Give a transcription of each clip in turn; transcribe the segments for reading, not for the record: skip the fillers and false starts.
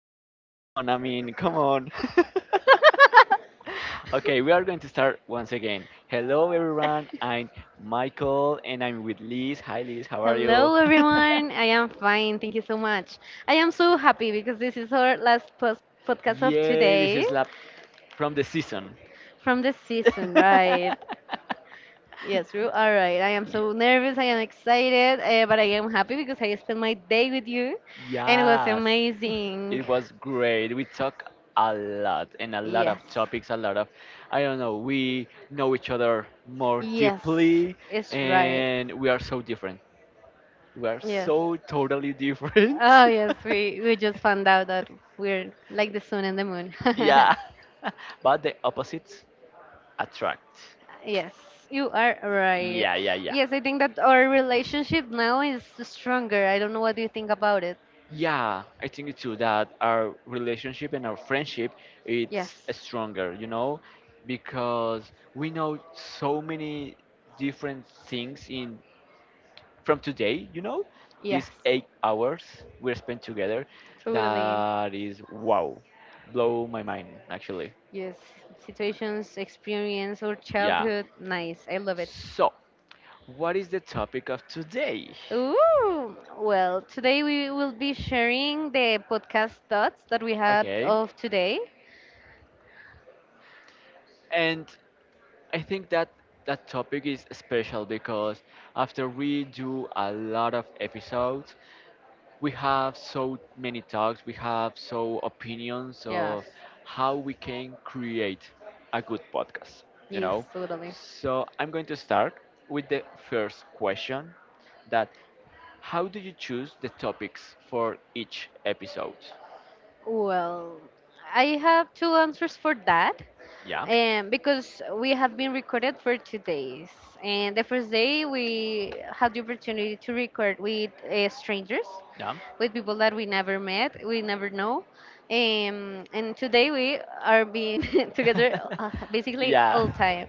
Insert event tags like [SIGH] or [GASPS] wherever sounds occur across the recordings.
What is going on? I mean, come on. [LAUGHS] Okay, we are going to start once again. Hello, everyone. I'm Michael and I'm with Liz. Hi, Liz. How are you? Hello, everyone. I am fine. Thank you so much. I am so happy because this is our last post [LAUGHS] podcast of Yay, this today is lap from the season. from the season, right? [LAUGHS] Yes, you are right. I am Y- so nervous. I am excited, but I am happy because I spent my day with you and it was yes. amazing. It was great. We talk a lot and a lot Yes. of topics, a lot of, I don't know, we know each other more Yes, deeply it's right. and we are so different. We are Yes. so totally different. Oh, yes. We [LAUGHS] just found out that we're like the sun and the moon. [LAUGHS] Yeah. [LAUGHS] But the opposites attract. Yes, you are right. Yeah, yeah, yeah. Yes, I think that our relationship now is stronger. I don't know what do you think about it. Yeah, I think it's true that our relationship and our friendship it's Yes. stronger, you know, because we know so many different things in from today, these Yes. 8 hours we spent together, Totally. that is wow, blow my mind actually. Yes. Situations, experience, or Yeah. childhood. Nice. I love it. So, what is the topic of today? Ooh. Well, today we will be sharing the podcast thoughts that we had Okay, of today. and I think that that topic is special because after we do a lot of episodes, we have so many talks, we have so opinions Yes. of how we can create a good podcast, you Yes, know. totally. So I'm going to start with the first question that how do you choose the topics for each episode? Well, I have two answers for that. Yeah. Because we have been recorded for two days. And the first day, we had the opportunity to record with strangers, Yeah. with people that we never met, we never know. And today we are being [LAUGHS] together [LAUGHS] basically Yeah. all time.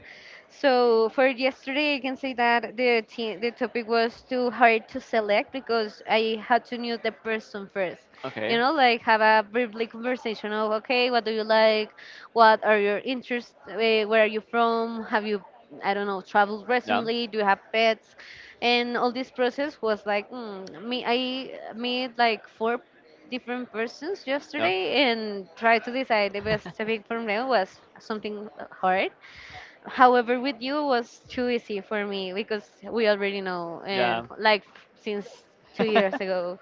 So for yesterday, I can say that the topic was too hard to select because I had to know the person first. Okay. You know, like have a briefly conversation of okay, what do you like, what are your interests, eh, where are you from, have you, I don't know, traveled Yeah. recently? Do you have pets? And all this process was like, me, I meet like four different persons yesterday and try to decide the best topic for me was something hard. However, with you was too easy for me because we already know, and Yeah. like since two years [LAUGHS] ago.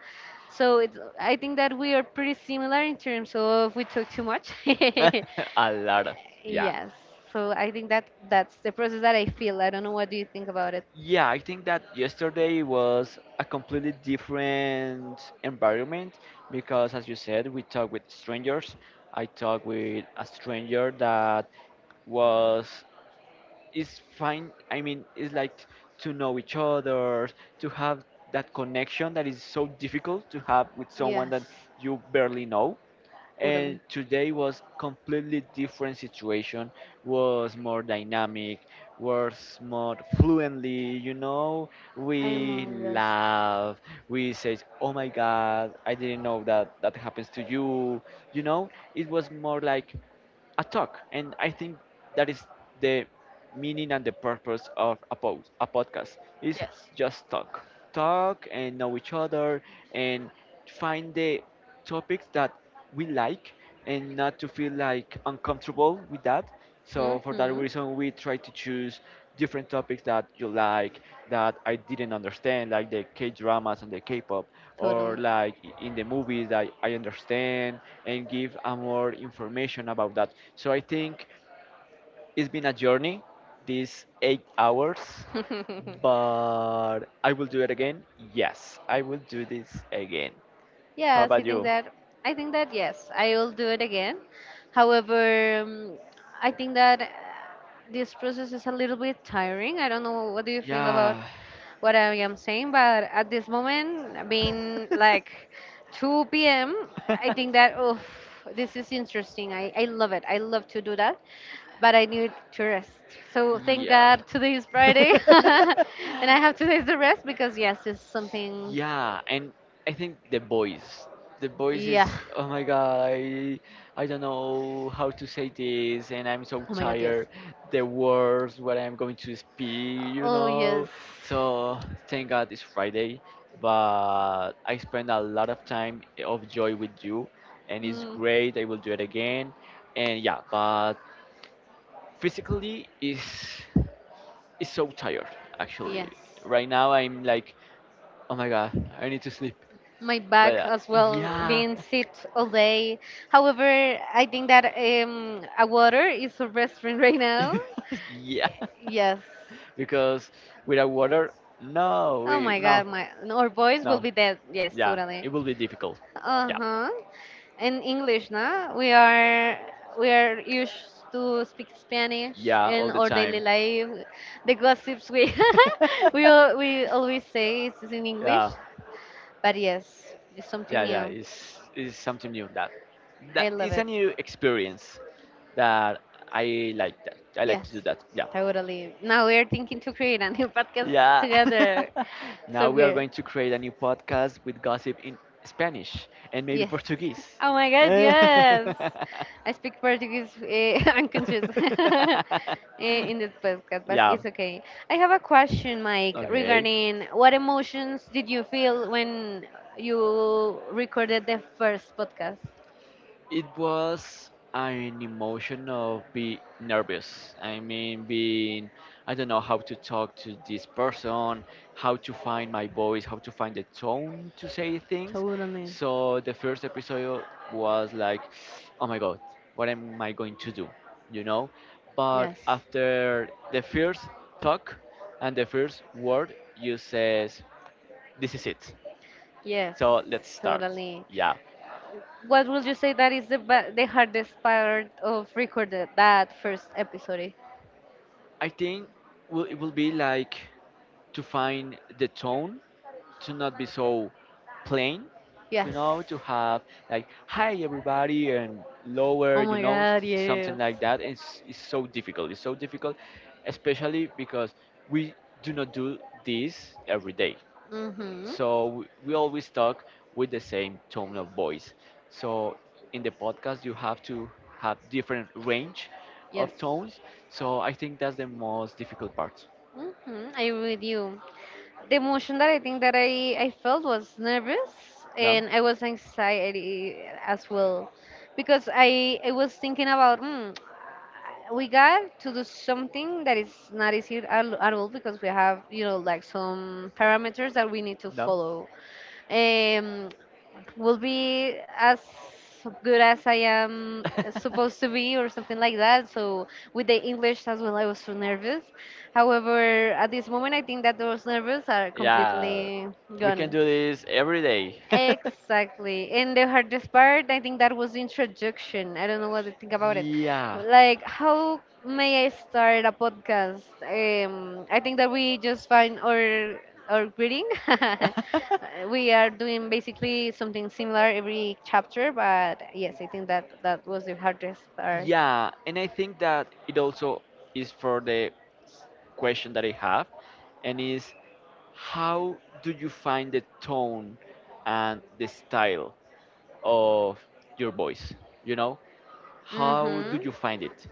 So it's, I think that we are pretty similar in terms of we talk too much. Yeah. [LAUGHS] A lot. [LAUGHS] Yeah. Yes. So I think that that's the process that I feel. I don't know what do you think about it. Yeah, I think that yesterday was a completely different environment because, as you said, we talked with strangers. I talked with a stranger that was is fine. I mean, it's like to know each other, to have that connection that is so difficult to have with someone that Yes. you barely know, Totally. and today was completely different situation, was more dynamic, was more fluently, I we know. Yes. laugh, we say, oh my god, I didn't know that that happens to you, you know it was more like a talk. And I think that is the meaning and the purpose of a post, a podcast is Yes. just talk, talk and know each other and find the topics that we like and not to feel like uncomfortable with that, so for that Mm-hmm. reason, we try to choose different topics that you like, that I didn't understand, like the K-dramas and the K-pop, or Totally. like in the movies that I understand, and give a more information about that. So I think it's been a journey, these 8 hours, [LAUGHS] Totally. but I will do it again. Yes, I will do this again. How Yes, I about think you? that I think that yes, I will do it again. However, I think that this process is a little bit tiring. I don't know what do you feel about Yeah. what I am saying, but at this moment, being like 2 p.m., I think [LAUGHS] that oh, this is interesting. I love it. I love to do that, but I need to rest. So thank Yeah. God today is Friday, [LAUGHS] [LAUGHS] and I have two days to rest because yes, it's something. Yeah, and I think the voice. The voice Yeah. is oh my god, I don't know how to say this and I'm so Oh my god, yes. tired. The words what I'm going to speak, you Oh yes. know. So thank God it's Friday, but I spend a lot of time of joy with you and it's Mm, great. I will do it again. And yeah, but physically is so tired actually. yes. Right now I'm like, oh my god, I need to sleep. My But back as well, yeah, being sit all day. However, I think that a water is a restaurant [LAUGHS] right now. [LAUGHS] yeah, Yes. because without water, no, Oh we my no, god, my our boys will no, be dead. Yes, yeah, totally. it will be difficult. Yeah, Uh-huh. In English, na? We are used to speak Spanish yeah, in all the our daily time. life. The gossips we [LAUGHS] we [LAUGHS] always say is in English. Yeah, But yes, it's something yeah yeah new. It's something new that that I love is a it. new experience that I like, that I like Yes. to do that, yeah, Totally. Now we are thinking to create a new [LAUGHS] podcast yeah. together. [LAUGHS] Now So we are weird. going to create a new podcast with gossip in Spanish and maybe Yes. Portuguese. Oh my [LAUGHS] God, yes. I speak Portuguese [LAUGHS] unconscious [LAUGHS] uh, in this podcast, [LAUGHS] but Yeah, it's okay. I have a question, Mike, okay. regarding what emotions did you feel when you recorded the first podcast? It was an emotion of being nervous. I mean, being, I don't know how to talk to this person, how to find my voice, how to find the tone to say things. Totally. So the first episode was like, oh my god, what am I going to do? You know? But Yes. after the first talk and the first word, you says, this is it. Yes, So let's start. totally. Yeah. What would you say that is the hardest part of recorded that first episode? I think will it will be like to find the tone to not be so plain, Yes. To have like hi everybody and lower, Oh you my know, god, something yes. like that is so difficult, it's so difficult, especially because we do not do this every day, Mm-hmm. so we always talk with the same tone of voice, so in the podcast you have to have different range Yes. of tones, so I think that's the most difficult part. Hmm, I agree with you. The emotion that I think that I felt was nervous No. and I was anxiety as well because I was thinking about we got to do something that is not easy at all because we have you know like some parameters that we need to No. follow. Um, will be as good as I am supposed to be or something like that. So with the English as well, I was so nervous. However, at this moment, I think that those nerves are [LAUGHS] Yeah, completely we can gone. do this every day. [LAUGHS] Exactly. And the hardest part, I think that was the introduction. I don't know what to think about it. Yeah. Like, how may I start a podcast? I think that we just find our greeting. [LAUGHS] We are doing basically something similar every chapter, [LAUGHS] but yes, I think that that was the hardest part. Yeah, and I think that it also is for the question that I have, and is how do you find the tone and the style of your voice? You know, how Mm-hmm. do you find it?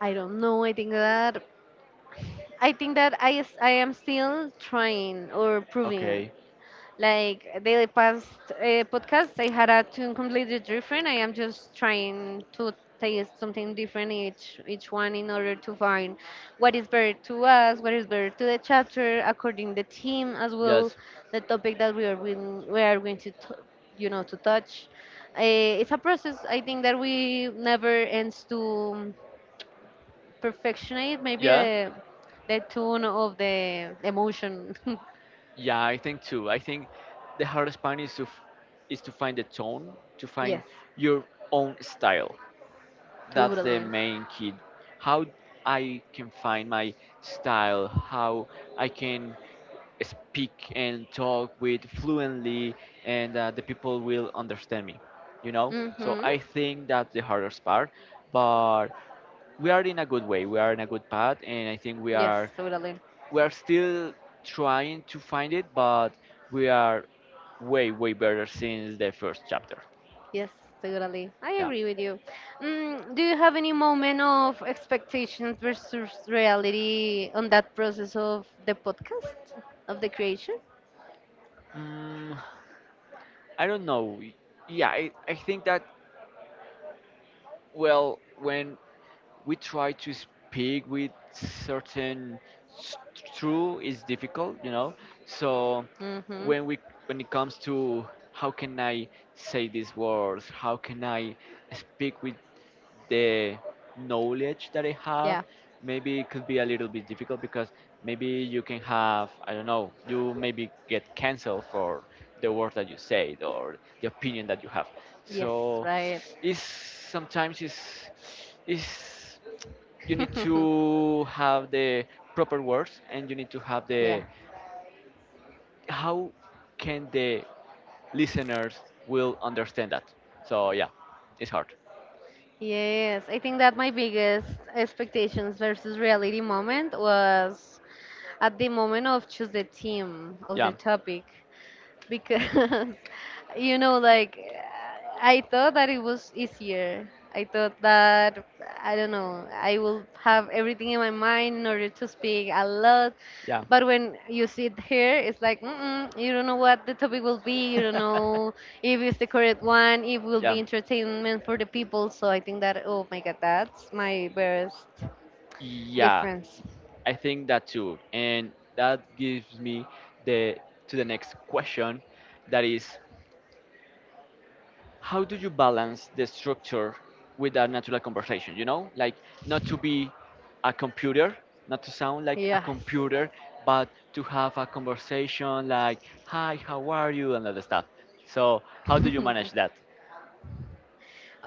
I don't know. I think that I am still trying or proving, Okay, like the past podcast, I had a tune completely different. I am just trying to taste something different each one in order to find what is better to us, what is better to the chapter, according the theme as well, yes, the topic that we are going to, you know, to touch. It's a process. I think that we never ends to perfection it. Maybe yeah, the tune of the emotion. [LAUGHS] yeah. I think too. I think the hardest part is to is to find the tone, to find Yes, your own style. That's the totally. main key, how I can find my style, how I can speak and talk with fluently and the people will understand me, so Hmm. I think that's the hardest part, but we are in a good way, we are in a good path, and I think Yes, totally. we are still trying to find it, but we are way way better since the first chapter. Yes, totally. I Yeah. agree with you. Mm, do you have any moment of expectations versus reality on that process of the podcast, of the creation? Mm, I don't know, yeah I think that well, when we try to speak with certain truth, it's difficult, you know. So Mm-hmm. when we when it comes to how can I say these words, how can I speak with the knowledge that I have, Yeah. maybe it could be a little bit difficult because maybe you can have, I don't know, you maybe get canceled for the words that you said or the opinion that you have. Yes, So right. it's sometimes it's you need [LAUGHS] to have the proper words and you need to have Yeah. the how can the listeners will understand that. So yeah, it's hard. Yes, I think that my biggest expectations versus reality moment was at the moment of choose the theme of the Yeah. topic, because [LAUGHS] you know like I thought that it was easier. I thought that, I don't know, I will have everything in my mind in order to speak a lot, Yeah. but when you sit here it's like mm-mm, you don't know what the topic will be, you don't [LAUGHS] know if it's the correct one, if will Yeah. be entertainment for the people. So I think that oh my god, that's my best Yeah, difference. I think that too. And that gives me the to the next question that is how do you balance the structure with a natural conversation, like not to be a computer, not to sound like a Yes. computer, but to have a conversation like hi how are you and other stuff, so how do you manage [LAUGHS] that?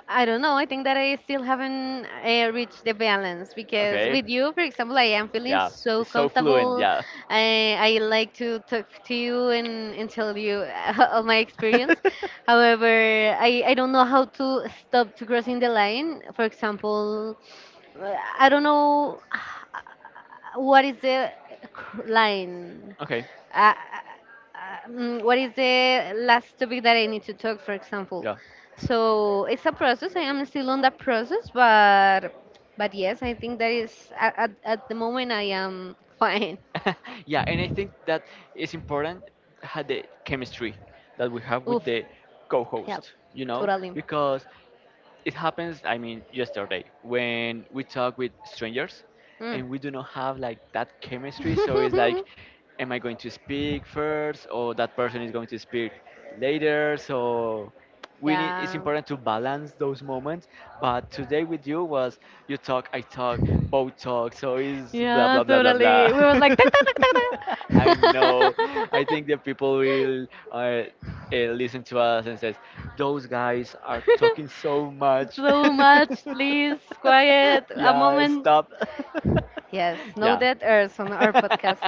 I don't know. I think that I still haven't reached the balance because Okay. with you, for example, I am feeling Yeah, so it's so fluent, comfortable. yeah. I like to talk to you, and tell you [LAUGHS] all my experience. However, I don't know how [LAUGHS] to stop to crossing the line. For example, uh, I don't know, [SIGHS] what is the line, Okay. uh, what is the last topic that I need to talk, for example. Yeah. So it's a process. I am still on that process, but yes, I think that is at the moment I am [LAUGHS] fine. [LAUGHS] Yeah, and I think that is important had the chemistry that we have Oof, with the yeah, co-host, totally. because it happens, I mean yesterday when we talk with strangers Mm. and we do not have like that chemistry, so it's like [LAUGHS] am I going to speak first or that person is going to speak later, so we need it's yeah, important to balance those moments, but today with you was you talk I talk, both talk, so it's blah yeah, blah blah blah totally. blah. We were like, "Tac, tac, tac, tac, [LAUGHS] I tac." know, I think the people will uh, listens to us and says, "Those guys are talking so [LAUGHS] much." So much, please, quiet, [LAUGHS] a Yeah, moment. stop. Yes, [LAUGHS] no Yeah. dead airs on [LAUGHS] our podcast.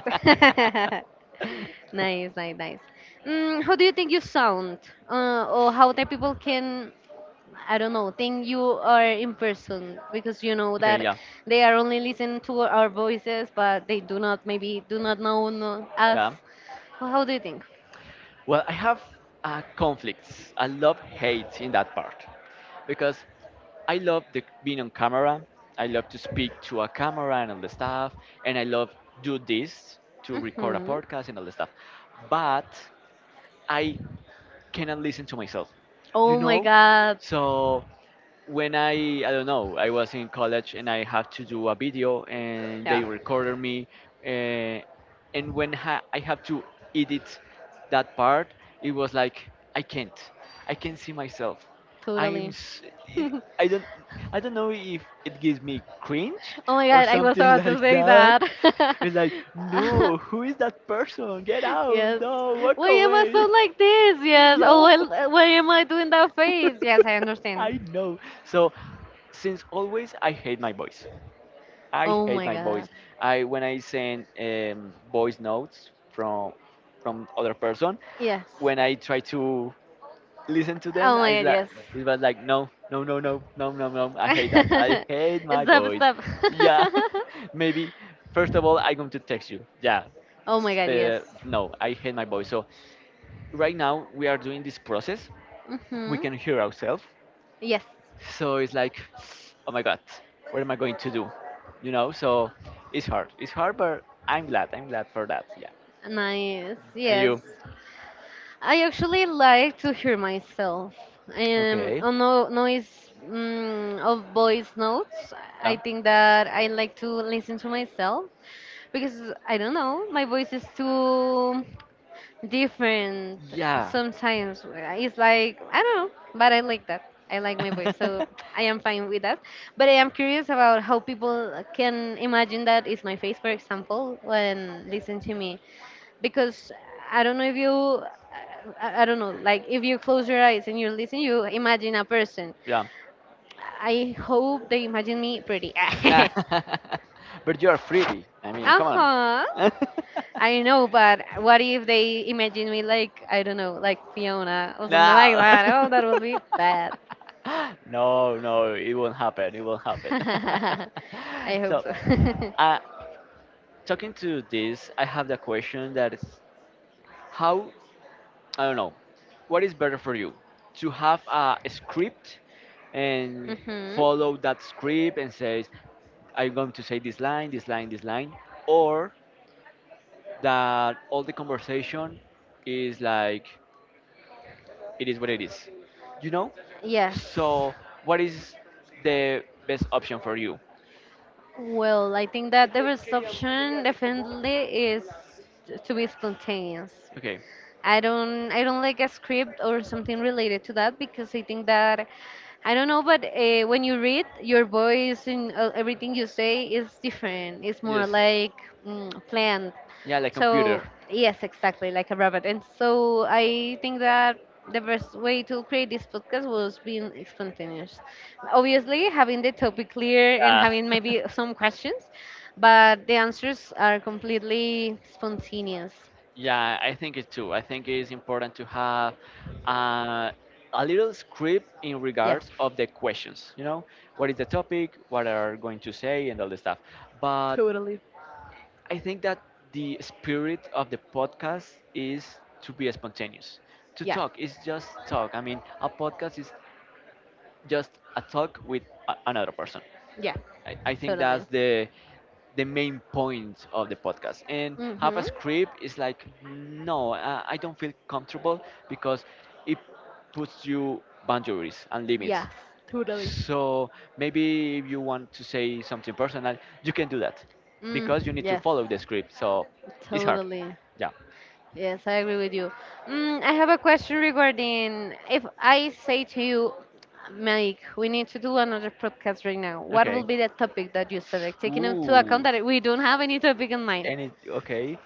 [LAUGHS] Nice, nice, nice. Mm, how do you think you sound? Or how the people can, I don't know, think you are in person? Because you know Okay. that Yeah. they are only listening to our voices, but they do not, maybe, do not know us. Yeah. Well, how do you think? Well, I have conflicts. I love hate in that part because I love the being on camera. I love to speak to a camera and all the stuff, and I love do this to record a Hmm. podcast and all the stuff. But I cannot listen to myself, you Oh my know? god. So when I don't know I was in college and I had to do a video and they Yeah, recorded me, uh, and when I have to edit that part it was like I can't I can't see myself I'm totally. s- [LAUGHS] it, Oh I don't I don't know if it gives me cringe my or god, I was something about to like say that. [LAUGHS] that. It's like no, [LAUGHS] who is that person, get out, Yes. no, walk Why am I so away. like this? [LAUGHS] Yes. Oh, Yo. well, why am I doing that face? Yes, I [LAUGHS] understand. I know. So since always I hate my voice. I Oh hate my my voice. god. I when I send voice notes from other person, Yes. when I try to listen to them, Oh my god, yes. it was like no, no, no, no, no, no, no. I hate [LAUGHS] that. I hate my Stop, voice. stop. Yeah, [LAUGHS] maybe first of all I'm going to text you. Yeah, [LAUGHS] Oh my god, but yes. no, I hate my voice. So right now we are doing this process. We Mm-hmm. can hear ourselves. Yes. So it's like, oh my God, what am I going to do? You know, so it's hard. It's hard, but I'm glad. I'm glad for that. Yeah. Nice. And you, Yes. I actually like to hear myself. Okay, On no noise of voice notes, I done? think that I like to listen to myself because I don't know, my voice is too different Yeah. sometimes. It's like I don't know, but I like that. I like my voice, so [LAUGHS] I am fine with that. But I am curious about how people can imagine that is my face, for example, when listen to me, because I don't know if you. I don't know, like if you close your eyes and you listen, you imagine a person. Yeah. I hope they imagine me pretty. [LAUGHS] Nah. [LAUGHS] But you're free. I mean, Uh come on. huh. I know, but what if they imagine me like I don't know, like Fiona or [LAUGHS] something like No. that? Oh, that will be bad. [LAUGHS] No, no, it won't happen. It won't happen. [LAUGHS] I [LAUGHS] hope So, so. uh, talking to this, I have the question that is how I don't know. What is better for you? To have a script [LAUGHS] and Hmm. follow that script and says, I'm going to say this line, this line, this line, or that all the conversation is like, it is what it is. You know? Yes. So, what is the best option for you? Well, I think that the best option definitely is to be spontaneous. Okay. I don't like a script or something related to that because I think that, I don't know, but when you read, your voice and everything you say is different. It's more Yes. like planned. Yeah, like computer. So yes, exactly like a rabbit. And so I think that the best way to create this podcast was being spontaneous. Obviously, having the topic clear and Yeah. having maybe some questions, but the answers are completely spontaneous. Yeah, I think it too. I think it is important to have uh, a little script in Yeah, regards of the questions. You know, what is the topic, what are going to say, and all the stuff. But totally. I think that the spirit of the podcast is to be spontaneous, to Yeah, talk. It's just talk. I mean, a podcast is just a talk with another person. yeah, I think totally. that's the main point of the podcast. And have a Mhm. script is like no, I don't feel comfortable because it puts you boundaries and limits. Yes, totally. So maybe if you want to say something personal, you can do that because you Mm, need to yes, follow the script. So it's hard. totally. Yeah. Yes, I agree with you. Mm, I have a question regarding if I say to you, Mike, we need to do another podcast right now. What will Okay. be the topic that you select, taking into account Ooh. that we don't have any topic in mind? And it okay.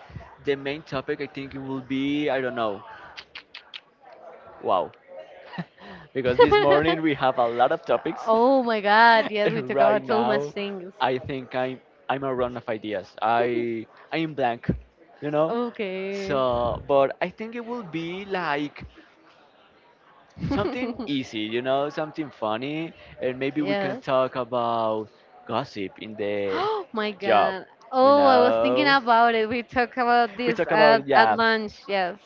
The main topic I think it will be I don't know. Wow. [LAUGHS] because this morning we have a [LAUGHS] lot of topics. Oh my God! [LAUGHS] Yes, we and talk right about so much now, things. I think I'm a run of ideas. I am blank, you know. Okay. So, but I think it will be like something [LAUGHS] easy, you know, something funny, and maybe we can Yeah. talk about gossip in [GASPS] the Oh my job, God. you Oh, I was thinking know. [LAUGHS] about it. We talked about We this talk about at yeah. lunch, yes.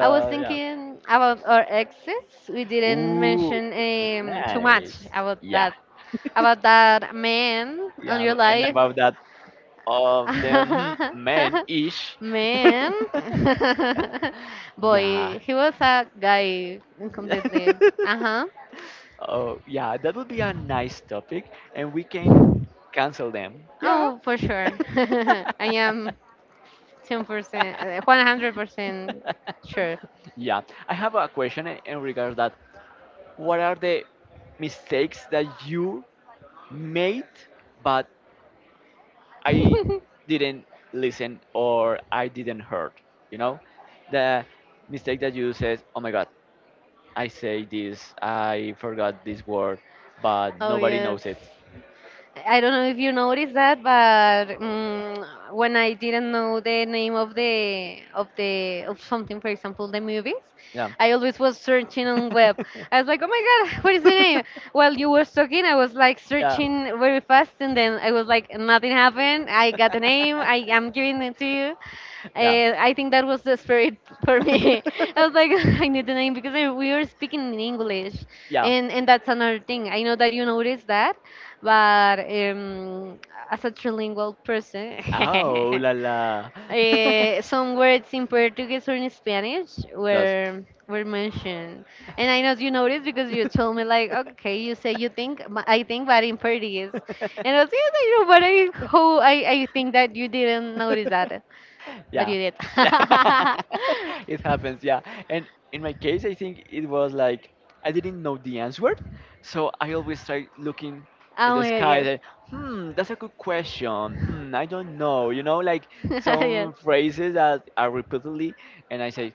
I was yeah. thinking about our exes. We didn't Ooh, mention too much nice. Yeah, about that man on yeah. your And life. about that of them [LAUGHS] men ish. Man. [LAUGHS] [LAUGHS] yeah. Boy, he was a guy completely. [LAUGHS] Uh-huh. oh, yeah, that would be a nice topic, and we can cancel them. Yeah. Oh, for sure. [LAUGHS] I [LAUGHS] am Ten percent, 100% sure. yeah. I have a question in regards that. What are the mistakes that you made, but I [LAUGHS] didn't listen or I didn't heard? You know, the mistake that you says, "Oh my God, I say this, I forgot this word, but Oh nobody yes, knows it. I don't know if you noticed that, but when I didn't know the name of the of the of something, for example, the movies, Yeah. I always was searching on web. [LAUGHS] I was like, oh my god, [LAUGHS] what is the name? While you were talking, I was like yeah. searching very fast, and then I was like, nothing happened. I got the name. I am giving it to you. I think that was the spirit [LAUGHS] for me. I was like, [LAUGHS] I need the name because I, we were speaking in English, yeah. yeah. and that's another thing. I know that you noticed that, but as a trilingual person, Oh la [LAUGHS] la. [LAUGHS] Some words in Portuguese or in Spanish were mentioned, and I know you noticed because you told me like, okay, you say you think, but I think, but in Portuguese, and I was like, you know, but I how I think that you didn't That's notice that, [LAUGHS] but Yeah. you did. [LAUGHS] [LAUGHS] Oh It happens, yeah. And in my case, I think it was like I didn't know the answer, so I always try looking in the my God, sky yes, and hmm, that's a good question. Hmm, I don't know. You know, like [LAUGHS] yes. some phrases that are repeatedly, and I say,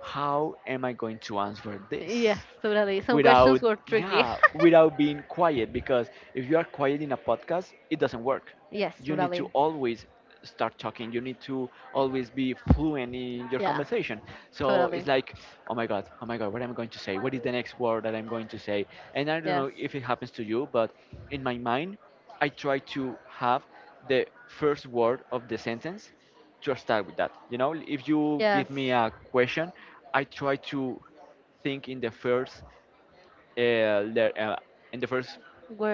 how am I going to answer Yes, this? totally. Some questions Without were tricky. yeah without being quiet because [LAUGHS] if you are quiet in a podcast it doesn't work. Yes, You need to totally. always start talking. You need to always be fluent in your Yeah, conversation, so it's totally. like oh my god, oh my god, what am I going to say? What is the next word that I'm going to say? And I don't Yes. know if it happens to you, but in my mind I try to have the first word of the sentence to start with that. You know, if you Yes. give me a question, I try to think in the first uh, le- uh, in the first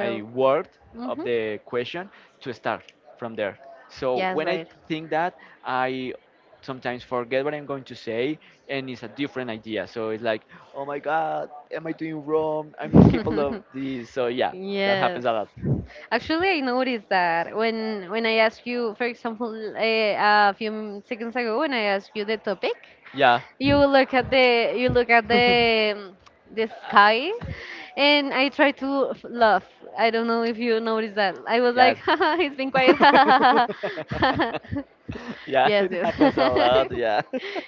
I word of Mm-hmm. the question to start from there. So Yes, when I right. think that, I sometimes forget what I'm going to say, and it's a different idea. So it's like, oh my God, am I doing wrong? I'm not capable of [LAUGHS] this. So yeah, that Yes. happens a lot. Actually, I noticed that when I asked you, for example, a, seconds ago, when I asked you the topic, Yeah. you look at the you look at [LAUGHS] the um, the sky, and I try to f- laugh. I don't know if you noticed, that I was like, [LAUGHS] yes. haha, it's been quiet, [LAUGHS] haha, haha, [LAUGHS] haha. [LAUGHS] yeah, Yes, it yes. happens a lot. [LAUGHS] Yeah.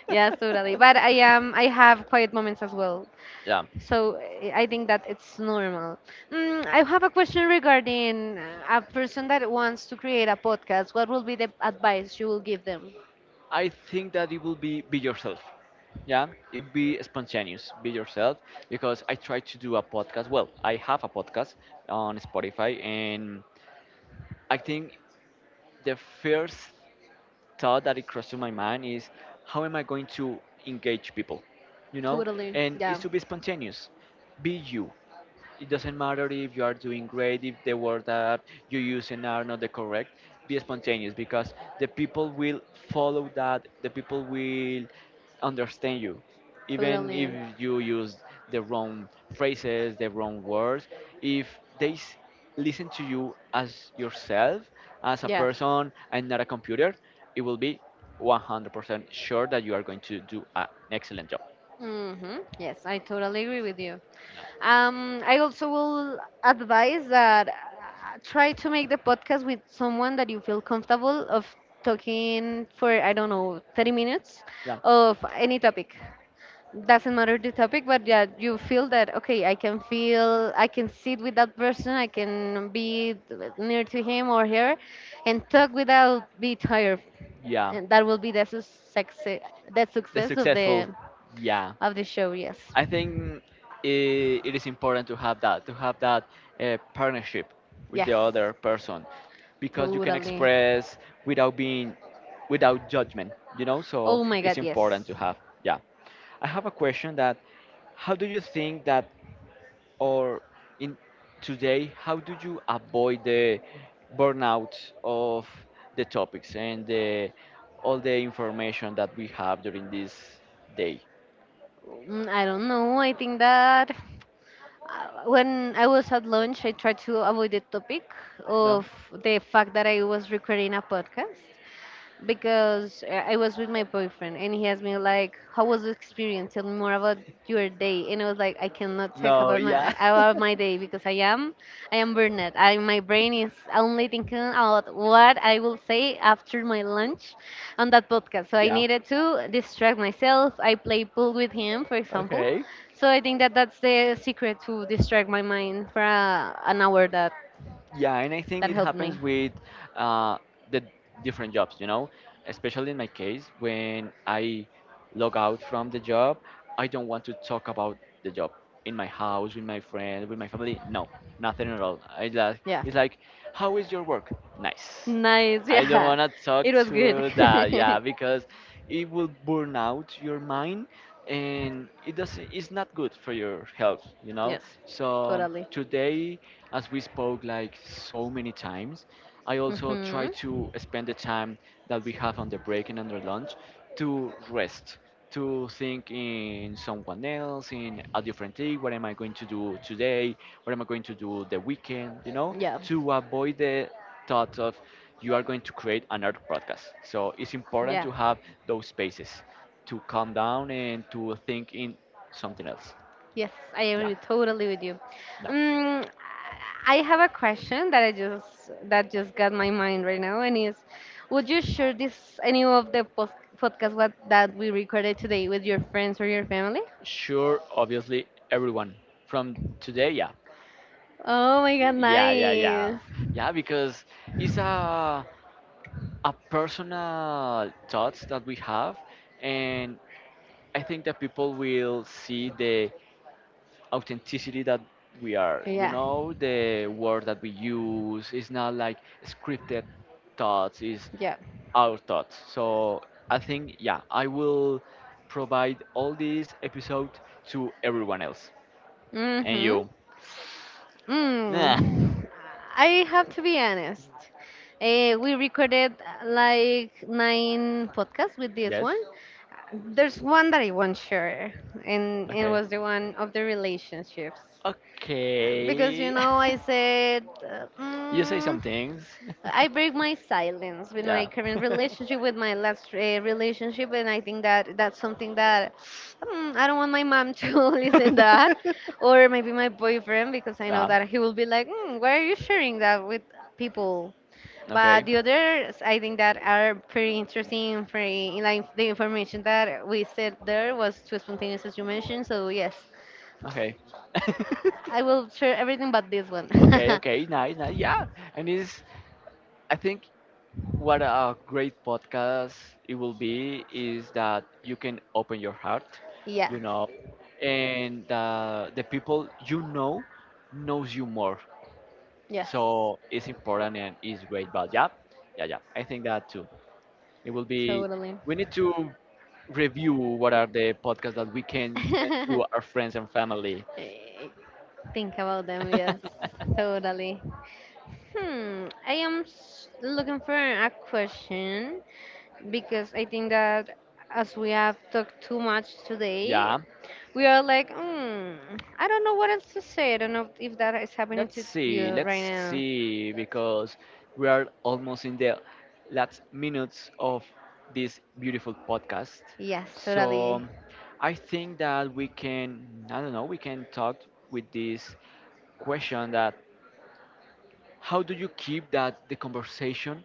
Yes, totally, but [LAUGHS] I have quiet moments as well. yeah. So I think that it's normal. I have a question regarding a person that wants to create a podcast. What will be the advice you will give them? I think that it will be yourself. Yeah, it be spontaneous, be yourself. Because I try to do a podcast. Well, I have a podcast on Spotify, and I think the first thought that it crossed to my mind is, how am I going to engage people? You know, Totally, and it's yeah. to be spontaneous, be you. It doesn't matter if you are doing great, if the words that you're using are not the correct. Be spontaneous because the people will follow that. The people will understand you, even if Totally. you use the wrong phrases, the wrong words. If they s- listen to you as yourself, as a Yeah. person, and not a computer, it will be 100% sure that you are going to do an excellent job. Hmm. Yes, I totally agree with you. Yeah. I also will advise that try to make the podcast with someone that you feel comfortable of talking for, I don't know, 30 minutes Yeah, of any topic. Doesn't matter the topic, but yeah, you feel that, okay, I can feel, I can sit with that person, I can be near to him or her and talk without be tired. yeah. And that will be the The success of successful, the yeah. of the show. Yes, I think it is important to have that partnership with yes, the other person, because you can totally. express without being, without judgment, you know. So Oh my God, it's yes. important to have. Yeah, I have a question that, how do you think that, or in today, how do you avoid the burnout of the topics and the all the information that we have during this day? I don't know. I think that when I was at lunch, I tried to avoid the topic No, of the fact that I was recording a podcast, because I was with my boyfriend and he asked me like, "How was the experience? Tell me more about your day." And I was like, "I cannot talk no, about my yeah. about [LAUGHS] my day because I am burned out. I my brain is only thinking about what I will say after my lunch on that podcast." So I Yeah. needed to distract myself. I play pool with him, for example. Okay. So I think that that's the secret, to distract my mind for an hour. That Yeah, and I think that it helped happens me. with uh, the different jobs, you know, especially in my case, when I log out from the job, I don't want to talk about the job in my house, with my friends, with my family. No, nothing at all. I like, Yeah. it's like, how is your work? Nice. Nice, I don't yeah. want to talk It was good. to that, yeah, [LAUGHS] because it will burn out your mind and it's not good for your health, you know? Yes, So totally. today as we spoke like so many times, I also Hmm. try to spend the time that we have on the break and on the lunch to rest, to think in someone else, in a different thing, what am I going to do today, what am I going to do the weekend, you know, Yeah, to avoid the thoughts of you are going to create another podcast. So it's important yeah. to have those spaces to calm down and to think in something else. Yes, I Yeah, agree totally with you. yeah. Um, I have a question that I just that just got my mind right now, and is, would you share this any of the post podcast what that we recorded today with your friends or your family? Sure, obviously, everyone from today, yeah. Oh my god, Yeah, yeah, nice. yeah. Yeah, because it's a personal thoughts that we have and I think that people will see the authenticity that we are. You Yeah, know, the word that we use is not like scripted thoughts, is yeah. our thoughts. So I think, yeah, I will provide all this episode to everyone else. And Mm-hmm. you. Nah. Mm. I have to be honest. We recorded like nine podcasts with this Yes? one. There's one that I won't share, and it Okay. was the one of the relationships. Because you Okay. know, I said, [LAUGHS] you say some things. I break my silence [LAUGHS] with my yeah. current [LAUGHS] relationship, with my last relationship, and I think that that's something that I don't want my mom [LAUGHS] to listen that, [LAUGHS] or maybe my boyfriend, because I know yeah. that he will be like, "Why are you sharing that with people?" Okay. But the others, I think that are pretty interesting. Pretty like the information that we said there was too spontaneous, as you mentioned. So yes, Okay. [LAUGHS] I will share everything but this one. okay. Okay. Nice. Nice. Yeah. And it's. I think what a great podcast it will be is that you can open your heart. [LAUGHS] Yeah. You know, and the people you know knows you more. Yes. So it's important and it's great. But yeah, yeah, yeah. I think that too. It will be, Totally. we need to review what are the podcasts that we can send to our friends and [LAUGHS] family. Eh, Think about them, yes. Totally. Hmm. Looking for a question because I think that as we have talked too much today, Yeah. we are like, hmm, I don't know what else to say. I don't know if that is happening Let's to see. you Let's right now. see because we are almost in the last minutes of this beautiful podcast. Yes, So totally. I think that we can, I don't know, we can talk with this question that how do you keep that the conversation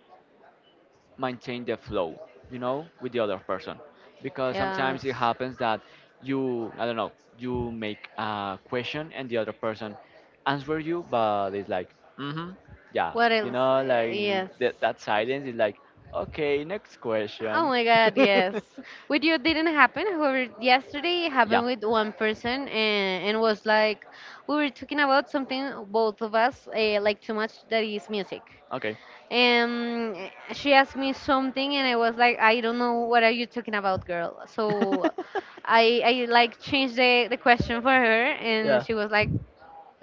maintain the flow, you know, with the other person. Because sometimes it Yes. happens that you, I don't know, you make a question and the other person answer you, but it's like, mm-hmm, yeah, What you else? know, like Yes. that, that silence is like, okay, next Oh question. my God, yes. With you, it didn't happen. However, yesterday it [LAUGHS] yeah, happened with one person, and was like we were talking about something both of us like too much, that is music. okay. And she asked me something, and I was like, I don't know what are you talking about, girl. So [LAUGHS] I like changed the question for her, and yeah. she was like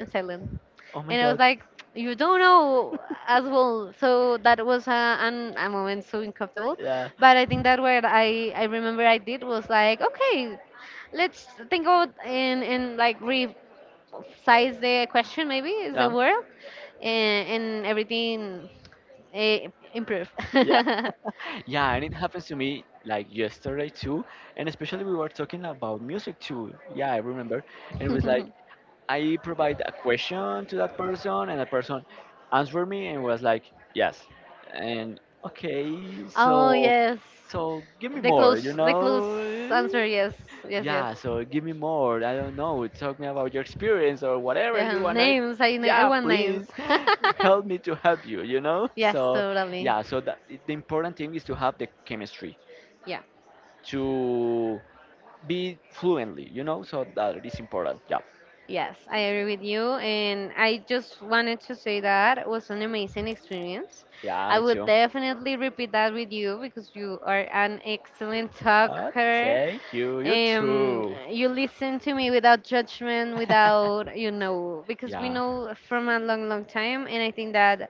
silent. Oh my And I was god. like, you don't know [LAUGHS] as well. So that was a, an, a moment so uncomfortable. yeah. But I think that what I remember I did was like, okay, let's think about, and like resize the question, maybe is the Yeah. word, and everything eh, improve. [LAUGHS] [LAUGHS] Yeah. Yeah, and it happens to me like yesterday too. And especially we were talking about music too. Yeah, I remember. And it was like I provide a question to that person, and the person answered me and was like, "Yes," and okay, Oh so yes, so give me the more, close, you the close know? answer, yes, yes, yes. Yeah, so give me more. I don't know. Talk me about your experience or whatever Yeah, you wanna. names, I Yeah, want names. please [LAUGHS] [LAUGHS] help me to help you, you know? Yes, So, totally. yeah, so that, the important thing is to have the chemistry, Yeah. to be fluently, you know? So that is important. Yeah, Yes, I agree with you. And I just wanted to say that it was an amazing experience. yeah, I me would too. definitely repeat that with you because you are an excellent Oh, talker. thank you. You too. You listen to me without judgment, [LAUGHS] without, you know, because we yeah. know from a long, long time. And I think that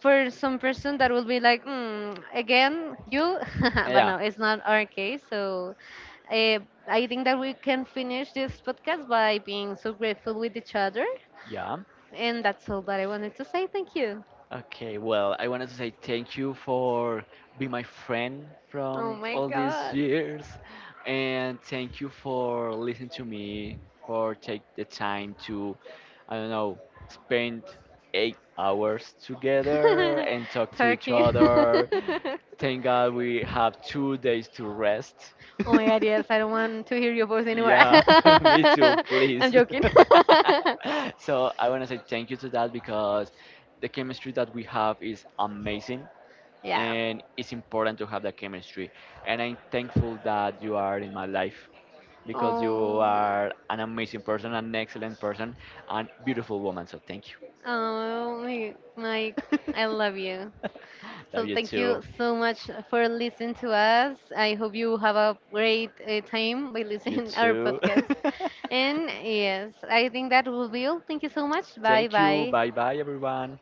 for some person that will be like, again, you, [LAUGHS] but Yeah. no, it's not our case. So Uh, I think that we can finish this podcast by being so grateful with each other. Yeah. And that's all that I wanted to say. Thank you. Okay. Well, I wanted to say thank you for being my friend Oh from my all these God. years, and thank you for listening to me, for take the time to, I don't know, spend 8 hours together and talk [LAUGHS] to each Turkey. other. Thank [LAUGHS] God we have 2 days to rest. [LAUGHS] Oh my God, yes. I don't want to hear your voice anymore. Yeah, [LAUGHS] me [LAUGHS] too, I'm please. joking. [LAUGHS] so I want to say thank you to that because the chemistry that we have is amazing [LAUGHS] Yeah. and it's important to have that chemistry. And I'm thankful that you are in my life because you Oh, are an amazing person, an excellent person, and beautiful woman. So thank oh my, Mike, you. I love you. [LAUGHS] Love So you thank too. you so much for listening to us. I hope you have a great time by You listening [LAUGHS] our too. podcast. And [LAUGHS] yes, I think that will be all. Thank you so much. Bye thank you. bye. Bye bye, everyone.